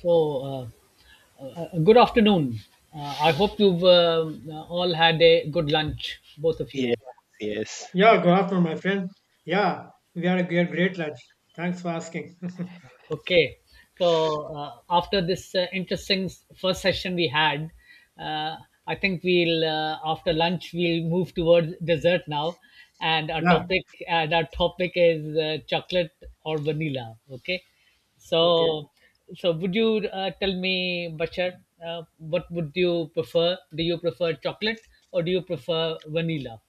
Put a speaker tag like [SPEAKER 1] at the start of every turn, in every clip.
[SPEAKER 1] So, uh, Good afternoon. I hope you've all had a good lunch, both of
[SPEAKER 2] Yes,
[SPEAKER 1] you.
[SPEAKER 2] yes.
[SPEAKER 3] Yeah, good afternoon, my friend. Yeah, we had a great, great lunch. Thanks for asking.
[SPEAKER 1] Okay. So after this interesting first session we had, uh, I think we'll after lunch we'll move towards dessert now, and our
[SPEAKER 3] Yeah,
[SPEAKER 1] topic and our topic is chocolate or vanilla. Okay.
[SPEAKER 3] okay.
[SPEAKER 1] So so would you tell me, Bashar, what would you prefer? Do you prefer chocolate or do you prefer vanilla?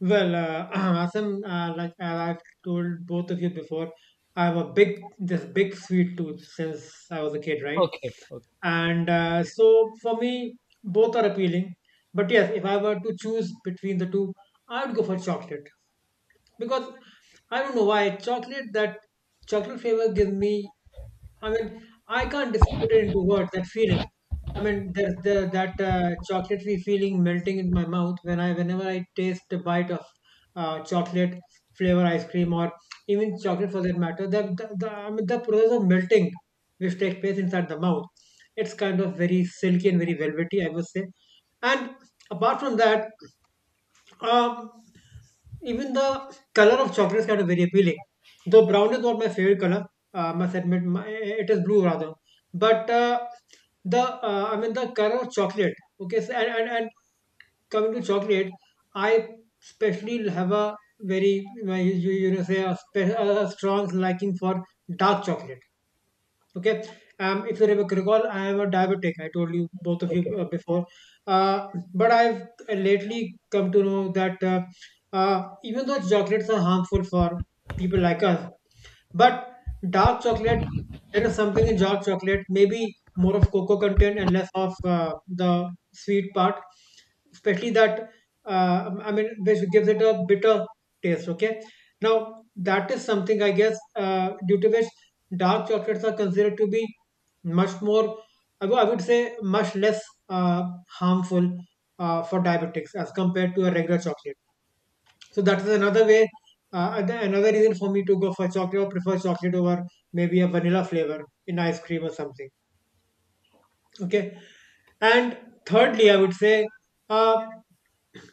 [SPEAKER 3] Well, Asim, like as I've told both of you before, I have this big sweet tooth since I was a kid, right?
[SPEAKER 1] Okay. Okay.
[SPEAKER 3] And so for me, both are appealing. But yes, if I were to choose between the two, I would go for chocolate, because I don't know why chocolate flavor gives me. I mean, I can't just put it into words, that feeling. I mean, that chocolatey feeling melting in my mouth whenever I taste a bite of chocolate flavor ice cream, or even chocolate for that matter, I mean, the process of melting which takes place inside the mouth, it's kind of very silky and very velvety, I would say. And apart from that, um, even the color of chocolate is kind of very appealing. Though brown is not my favorite color, I must admit it is blue rather. But the I mean the color of chocolate. Okay, so, and coming to chocolate, I especially have a very say a strong liking for dark chocolate. Okay. If you recall, I am a diabetic. I told you both of you
[SPEAKER 1] Okay.
[SPEAKER 3] before. Uh, but I've lately come to know that even though chocolates are harmful for people like us, but dark chocolate, it is something in dark chocolate, maybe more of cocoa content and less of the sweet part, especially that, I mean, which gives it a bitter taste. Okay. Now, that is something I guess due to which dark chocolates are considered to be much more, I would say, much less uh, harmful for diabetics as compared to a regular chocolate. So that is another way,
[SPEAKER 1] Okay.
[SPEAKER 3] and another reason for me to go for chocolate or prefer chocolate over maybe a vanilla flavor in ice cream or something. Okay. And thirdly, I would say, uh,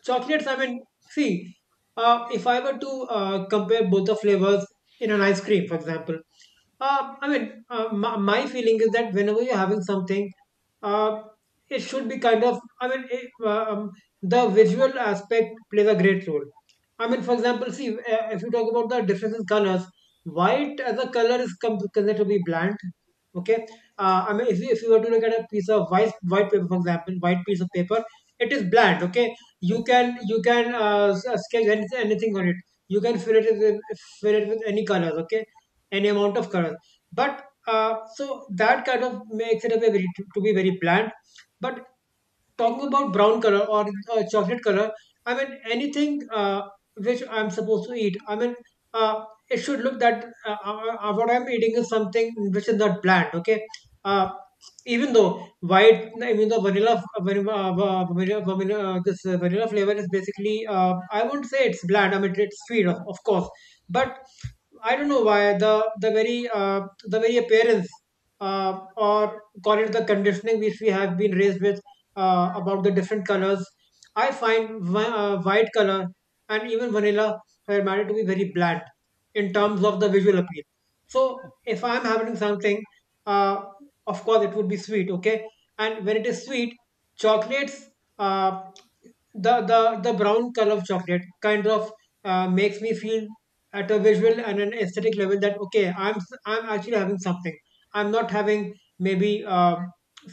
[SPEAKER 3] chocolates, I mean, see, if I were to compare both the flavors in an ice cream, for example, I mean, my feeling is that whenever you're having something, uh, it should be kind of, I mean, the visual aspect plays a great role. I mean, for example, see, if you talk about the difference in colors, white as a color is considered to be bland. Okay, I mean, if you were to look at a piece of white paper, for example, white piece of paper, it is bland. Okay,
[SPEAKER 1] Okay.
[SPEAKER 3] you can sketch anything, anything on it. You can fill it with any colors, okay, any amount of colors. But so that kind of makes it to be very bland. But talking about brown color or chocolate color, I mean anything which I'm supposed to eat. I mean, uh, it should look that, what I'm eating is something which is not bland. Okay, uh, even though white, even though vanilla, vanilla, vanilla, vanilla this vanilla flavor is basically. I won't say it's bland. I mean, it's sweet, of course. But I don't know why the very uh, the very appearance, uh, or call it the conditioning which we have been raised with, about the different colors. I find white color, and even vanilla hermetic, to be very bland in terms of the visual appeal. So if I'm having something, uh, of course it would be sweet, okay? And when it is sweet, chocolates. Uh, the brown color of chocolate kind of makes me feel at a visual and an aesthetic level that okay, I'm actually having something. I'm not having maybe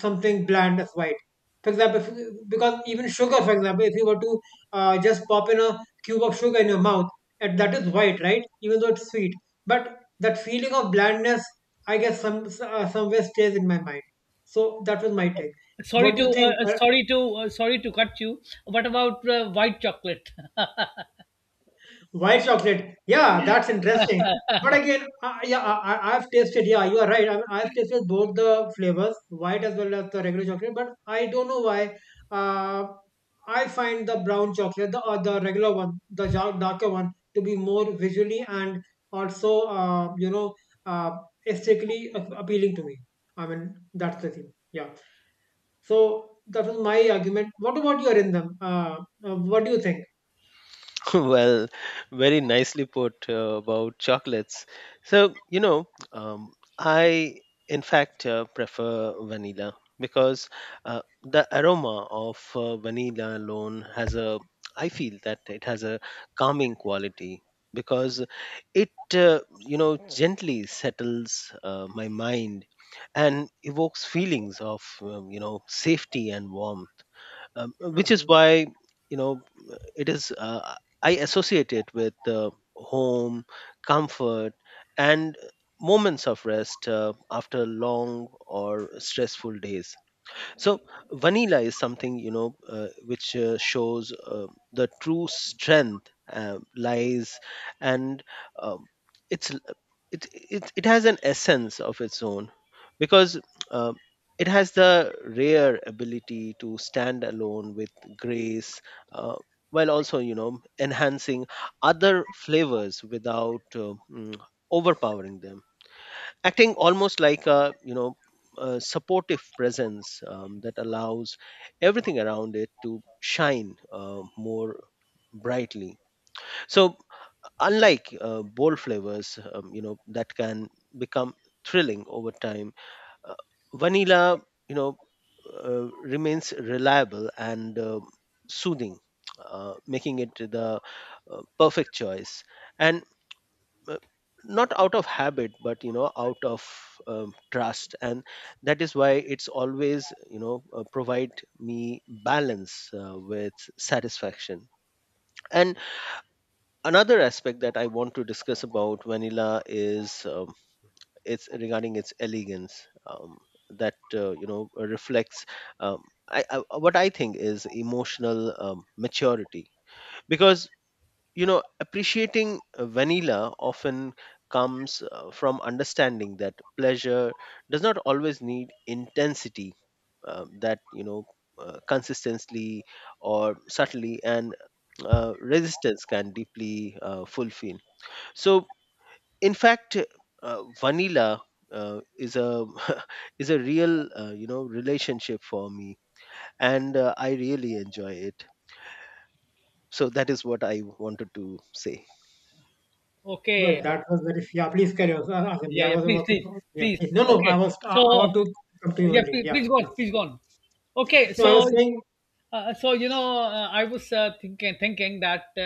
[SPEAKER 3] something bland as white. For example, if, because even sugar, for example, if you were to just pop in a cube of sugar in your mouth, and that is white, right? Even though it's sweet, but that feeling of blandness, I guess, somewhere stays in my mind. So that was my take. What
[SPEAKER 1] Sorry
[SPEAKER 3] do you
[SPEAKER 1] to
[SPEAKER 3] think?
[SPEAKER 1] sorry to sorry to cut you. What about white chocolate?
[SPEAKER 3] White chocolate. Yeah, that's interesting. But again, yeah, I've tasted. Yeah, you are right. I mean, I've tasted both the flavors, white as well as the regular chocolate. But I don't know why. Uh, I find the brown chocolate, the regular one, the darker one, to be more visually and also, uh, aesthetically appealing to me. I mean, that's the thing. Yeah. So that was my argument. What about your in them? What do you think?
[SPEAKER 2] Well, very nicely put about chocolates. So, you know, um, I in fact prefer vanilla because the aroma of vanilla alone I feel that it has a calming quality because you know, gently settles my mind and evokes feelings of, you know, safety and warmth. Which is
[SPEAKER 3] Mm-hmm.
[SPEAKER 2] why you know it is I associate it with home, comfort, and moments of rest after long or stressful days. So vanilla is something, you know, which shows the true strength lies and um, it's l- it has an essence of its own because uh, it has the rare ability to stand alone with grace, uh, while also, you know, enhancing other flavors without overpowering them, acting almost like, a you know, a supportive presence that allows everything around it to shine more brightly. So, unlike bold flavors, you know, that can become thrilling over time, uh, vanilla, you know, remains reliable and soothing, making it the perfect choice, and uh, not out of habit but, you know, out of trust. And that is why it's always, you know, provide me balance with satisfaction. And another aspect that I want to discuss about vanilla is, it's regarding its elegance, that you know reflects um, what I think is emotional maturity, because you know appreciating vanilla often comes from understanding that pleasure does not always need intensity, that you know consistently or subtly and resistance can deeply fulfill. So, in fact, vanilla is a is a real, you know, relationship for me, and I really enjoy it. So that is what I wanted to say.
[SPEAKER 3] Well,
[SPEAKER 1] Okay,
[SPEAKER 3] that was very. Yeah, please carry on. Azim.
[SPEAKER 1] yeah,
[SPEAKER 3] Yeah, I
[SPEAKER 1] yeah.
[SPEAKER 3] was
[SPEAKER 1] Please,
[SPEAKER 3] about to.
[SPEAKER 1] please,
[SPEAKER 3] Yeah,
[SPEAKER 1] please.
[SPEAKER 3] please. No, no, I
[SPEAKER 1] Okay,
[SPEAKER 3] was. I
[SPEAKER 1] so
[SPEAKER 3] want to come to you
[SPEAKER 1] yeah,
[SPEAKER 3] only.
[SPEAKER 1] please,
[SPEAKER 3] Yeah.
[SPEAKER 1] please go on, please go on. Okay,
[SPEAKER 3] No, I was
[SPEAKER 1] so
[SPEAKER 3] saying.
[SPEAKER 1] So I was thinking that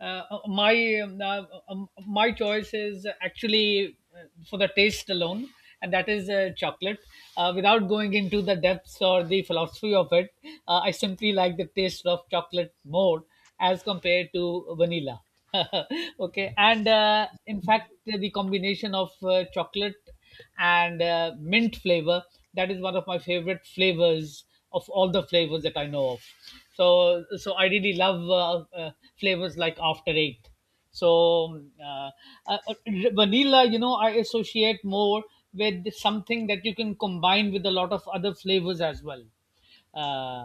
[SPEAKER 1] uh, my my choice is actually for the taste alone, and that is chocolate. Without going into the depths or the philosophy of it, I simply like the taste of chocolate more as compared to vanilla. Okay, and in fact, the combination of chocolate and mint flavor, that is one of my favorite flavors of all the flavors that I know of. So I really love flavors like After Eight. So um, uh, uh, vanilla, you know, I associate more with something that you can combine with a lot of other flavors as well, uh,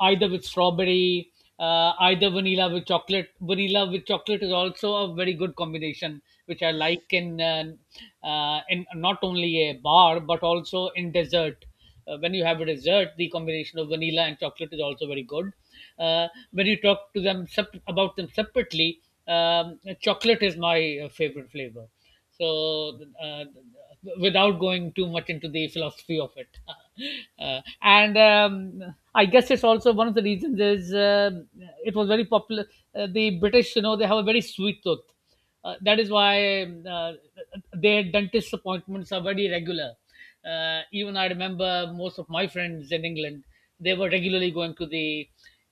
[SPEAKER 1] either with strawberry, either vanilla with chocolate. Vanilla with chocolate is also a very good combination, which I like in not only a bar but also in dessert. When you have a dessert, the combination of vanilla and chocolate is also very good. When you talk to them about them separately, chocolate is my favorite flavor. So, without going too much into the philosophy of it, and I guess it's also one of the reasons is it was very popular. The British, you know, they have a very sweet tooth. That is why their dentist appointments are very regular. Even I remember most of my friends in England, they were regularly going to the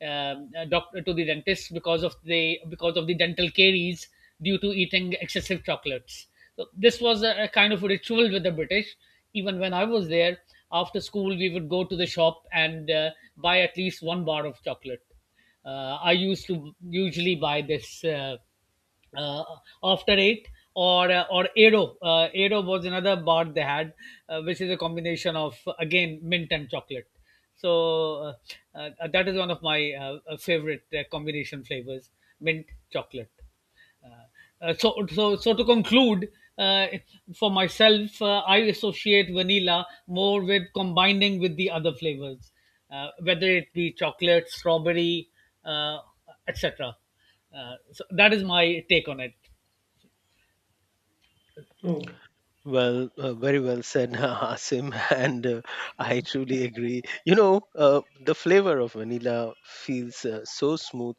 [SPEAKER 1] doctor, to the dentist, because of the dental caries due to eating excessive chocolates. So this was a kind of a ritual with the British. Even when I was there, after school we would go to the shop and buy at least one bar of chocolate. I used to usually buy this. Uh, After Eight, or or Aero. Aero was another bar they had, which is a combination of, again, mint and chocolate. So that is one of my favorite combination flavors: mint chocolate. Uh, so to conclude, uh, for myself, I associate vanilla more with combining with the other flavors, whether it be chocolate, strawberry, uh, etc. So that is my take on it.
[SPEAKER 3] Oh,
[SPEAKER 2] Well, very well said, Asim, and I truly agree. You know, the flavor of vanilla feels so smooth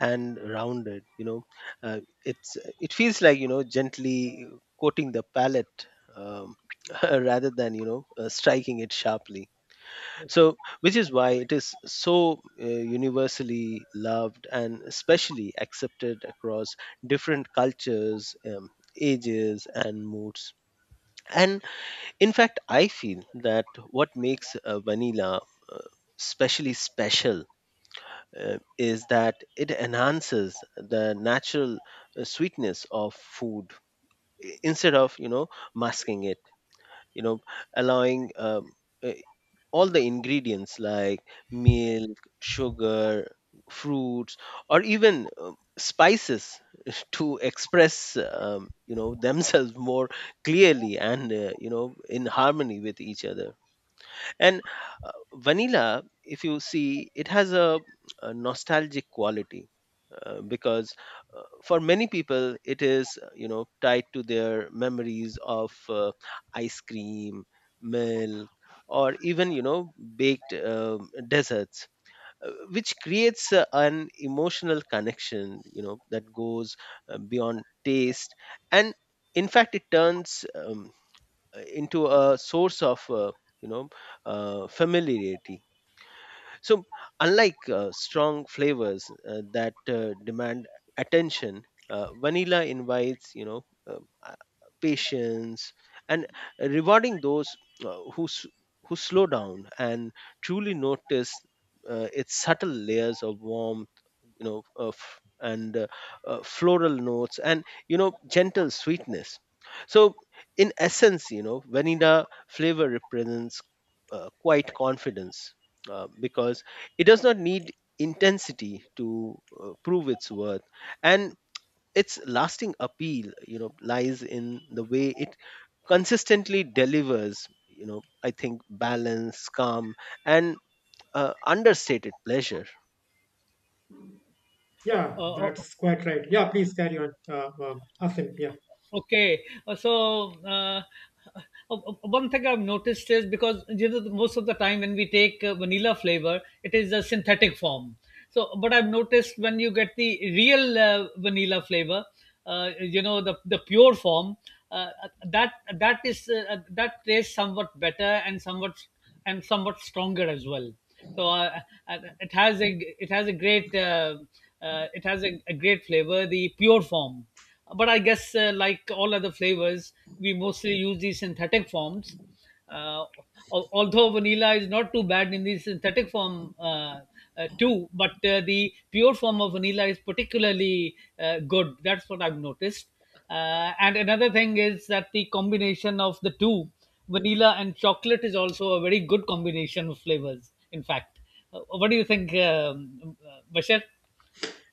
[SPEAKER 2] and rounded. You know, it's it feels like, you know, gently coating the palate, um, rather than, you know, striking it sharply. So, which is why it is so universally loved and especially accepted across different cultures, ages, and moods. And in fact, I feel that what makes vanilla uh, specially special is that it enhances the natural sweetness of food, instead of, you know, masking it, you know, allowing uh, all the ingredients like milk, sugar, fruits, or even spices to express, you know, themselves more clearly and, you know, in harmony with each other. And vanilla, if you see, it has a nostalgic quality, because for many people, it is, you know, tied to their memories of ice cream, milk, or even, you know, baked desserts. Which creates an emotional connection, you know, that goes beyond taste, and in fact, it turns into a source of, you know, familiarity. So, unlike strong flavors that demand attention, vanilla invites, you know, uh, uh, patience, and rewarding those uh, who s- who slow down and truly notice its subtle layers of warmth, you know, of and floral notes and, you know, gentle sweetness. So, in essence, you know, vanilla flavor represents quite confidence, because it does not need intensity to prove its worth, and its lasting appeal, you know, lies in the way it consistently delivers, you know, I think balance, calm, and understated pleasure.
[SPEAKER 3] yeah,
[SPEAKER 1] Uh, uh,
[SPEAKER 3] that's quite right. Yeah, please carry on. Asim. Yeah.
[SPEAKER 1] Okay, uh, one thing I've noticed is, because you know, most of the time when we take vanilla flavor, it is a synthetic form. So, but I've noticed when you get the real vanilla flavor, you know, the the pure form, uh, that that is that tastes somewhat better and somewhat stronger as well. So uh, it has a it has a great it has a great flavor, the pure form, but I guess like all other flavors, we mostly use these synthetic forms. Uh, Although vanilla is not too bad in the synthetic form too, but the pure form of vanilla is particularly good. That's what I've noticed. And another thing is that the combination of the two, vanilla and chocolate, is also a very good combination of flavors. In fact, what do you think, Bashar?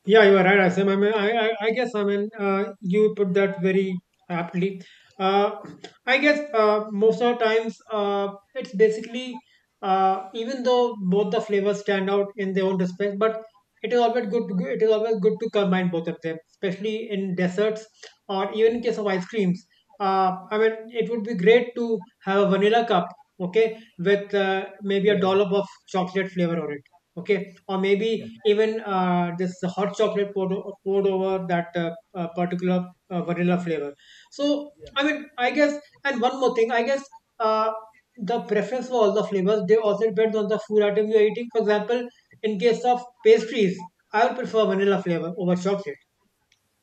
[SPEAKER 3] Yeah, you are right, Asim. I mean, I guess, I mean, you put that very aptly. Uh, I guess most of the times, it's basically, even though both the flavors stand out in their own respect, but it is always good. It is always good to combine both of them, especially in desserts or even in case of ice creams. I mean, it would be great to have a vanilla cup, okay, with maybe a
[SPEAKER 1] Yeah, yeah,
[SPEAKER 3] dollop of chocolate flavor on it. Okay, or
[SPEAKER 1] yeah,
[SPEAKER 3] maybe even this hot chocolate poured over that particular vanilla flavor. So,
[SPEAKER 1] yeah.
[SPEAKER 3] I mean, I guess, and one more thing, I guess uh, the preference for all the flavors, they also depend on the food item you're eating. For example, in case of pastries, I would prefer vanilla flavor over chocolate.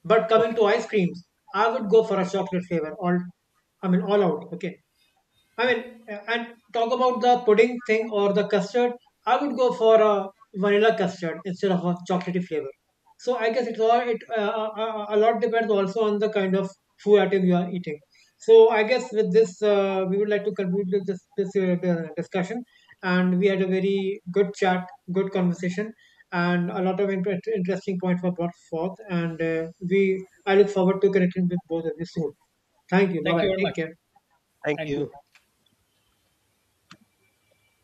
[SPEAKER 3] But coming
[SPEAKER 1] Okay,
[SPEAKER 3] to ice creams, I would go for a chocolate flavor, I mean, all out, okay? I
[SPEAKER 1] okay.
[SPEAKER 3] mean, and talk about the pudding thing or the custard. I would go for a vanilla custard instead of a chocolatey flavor. So I guess it's all it a lot depends also on the kind of food item you are eating. So I guess with this, we would like to conclude with this this the discussion, and we had a very good chat, good conversation, and a lot of interesting points were brought forth. And I look forward to connecting with both of you soon. Thank you. Bye
[SPEAKER 1] Thank
[SPEAKER 3] bye.
[SPEAKER 1] you very
[SPEAKER 3] Take
[SPEAKER 1] much.
[SPEAKER 3] care.
[SPEAKER 2] Thank
[SPEAKER 1] Thank you.
[SPEAKER 2] you.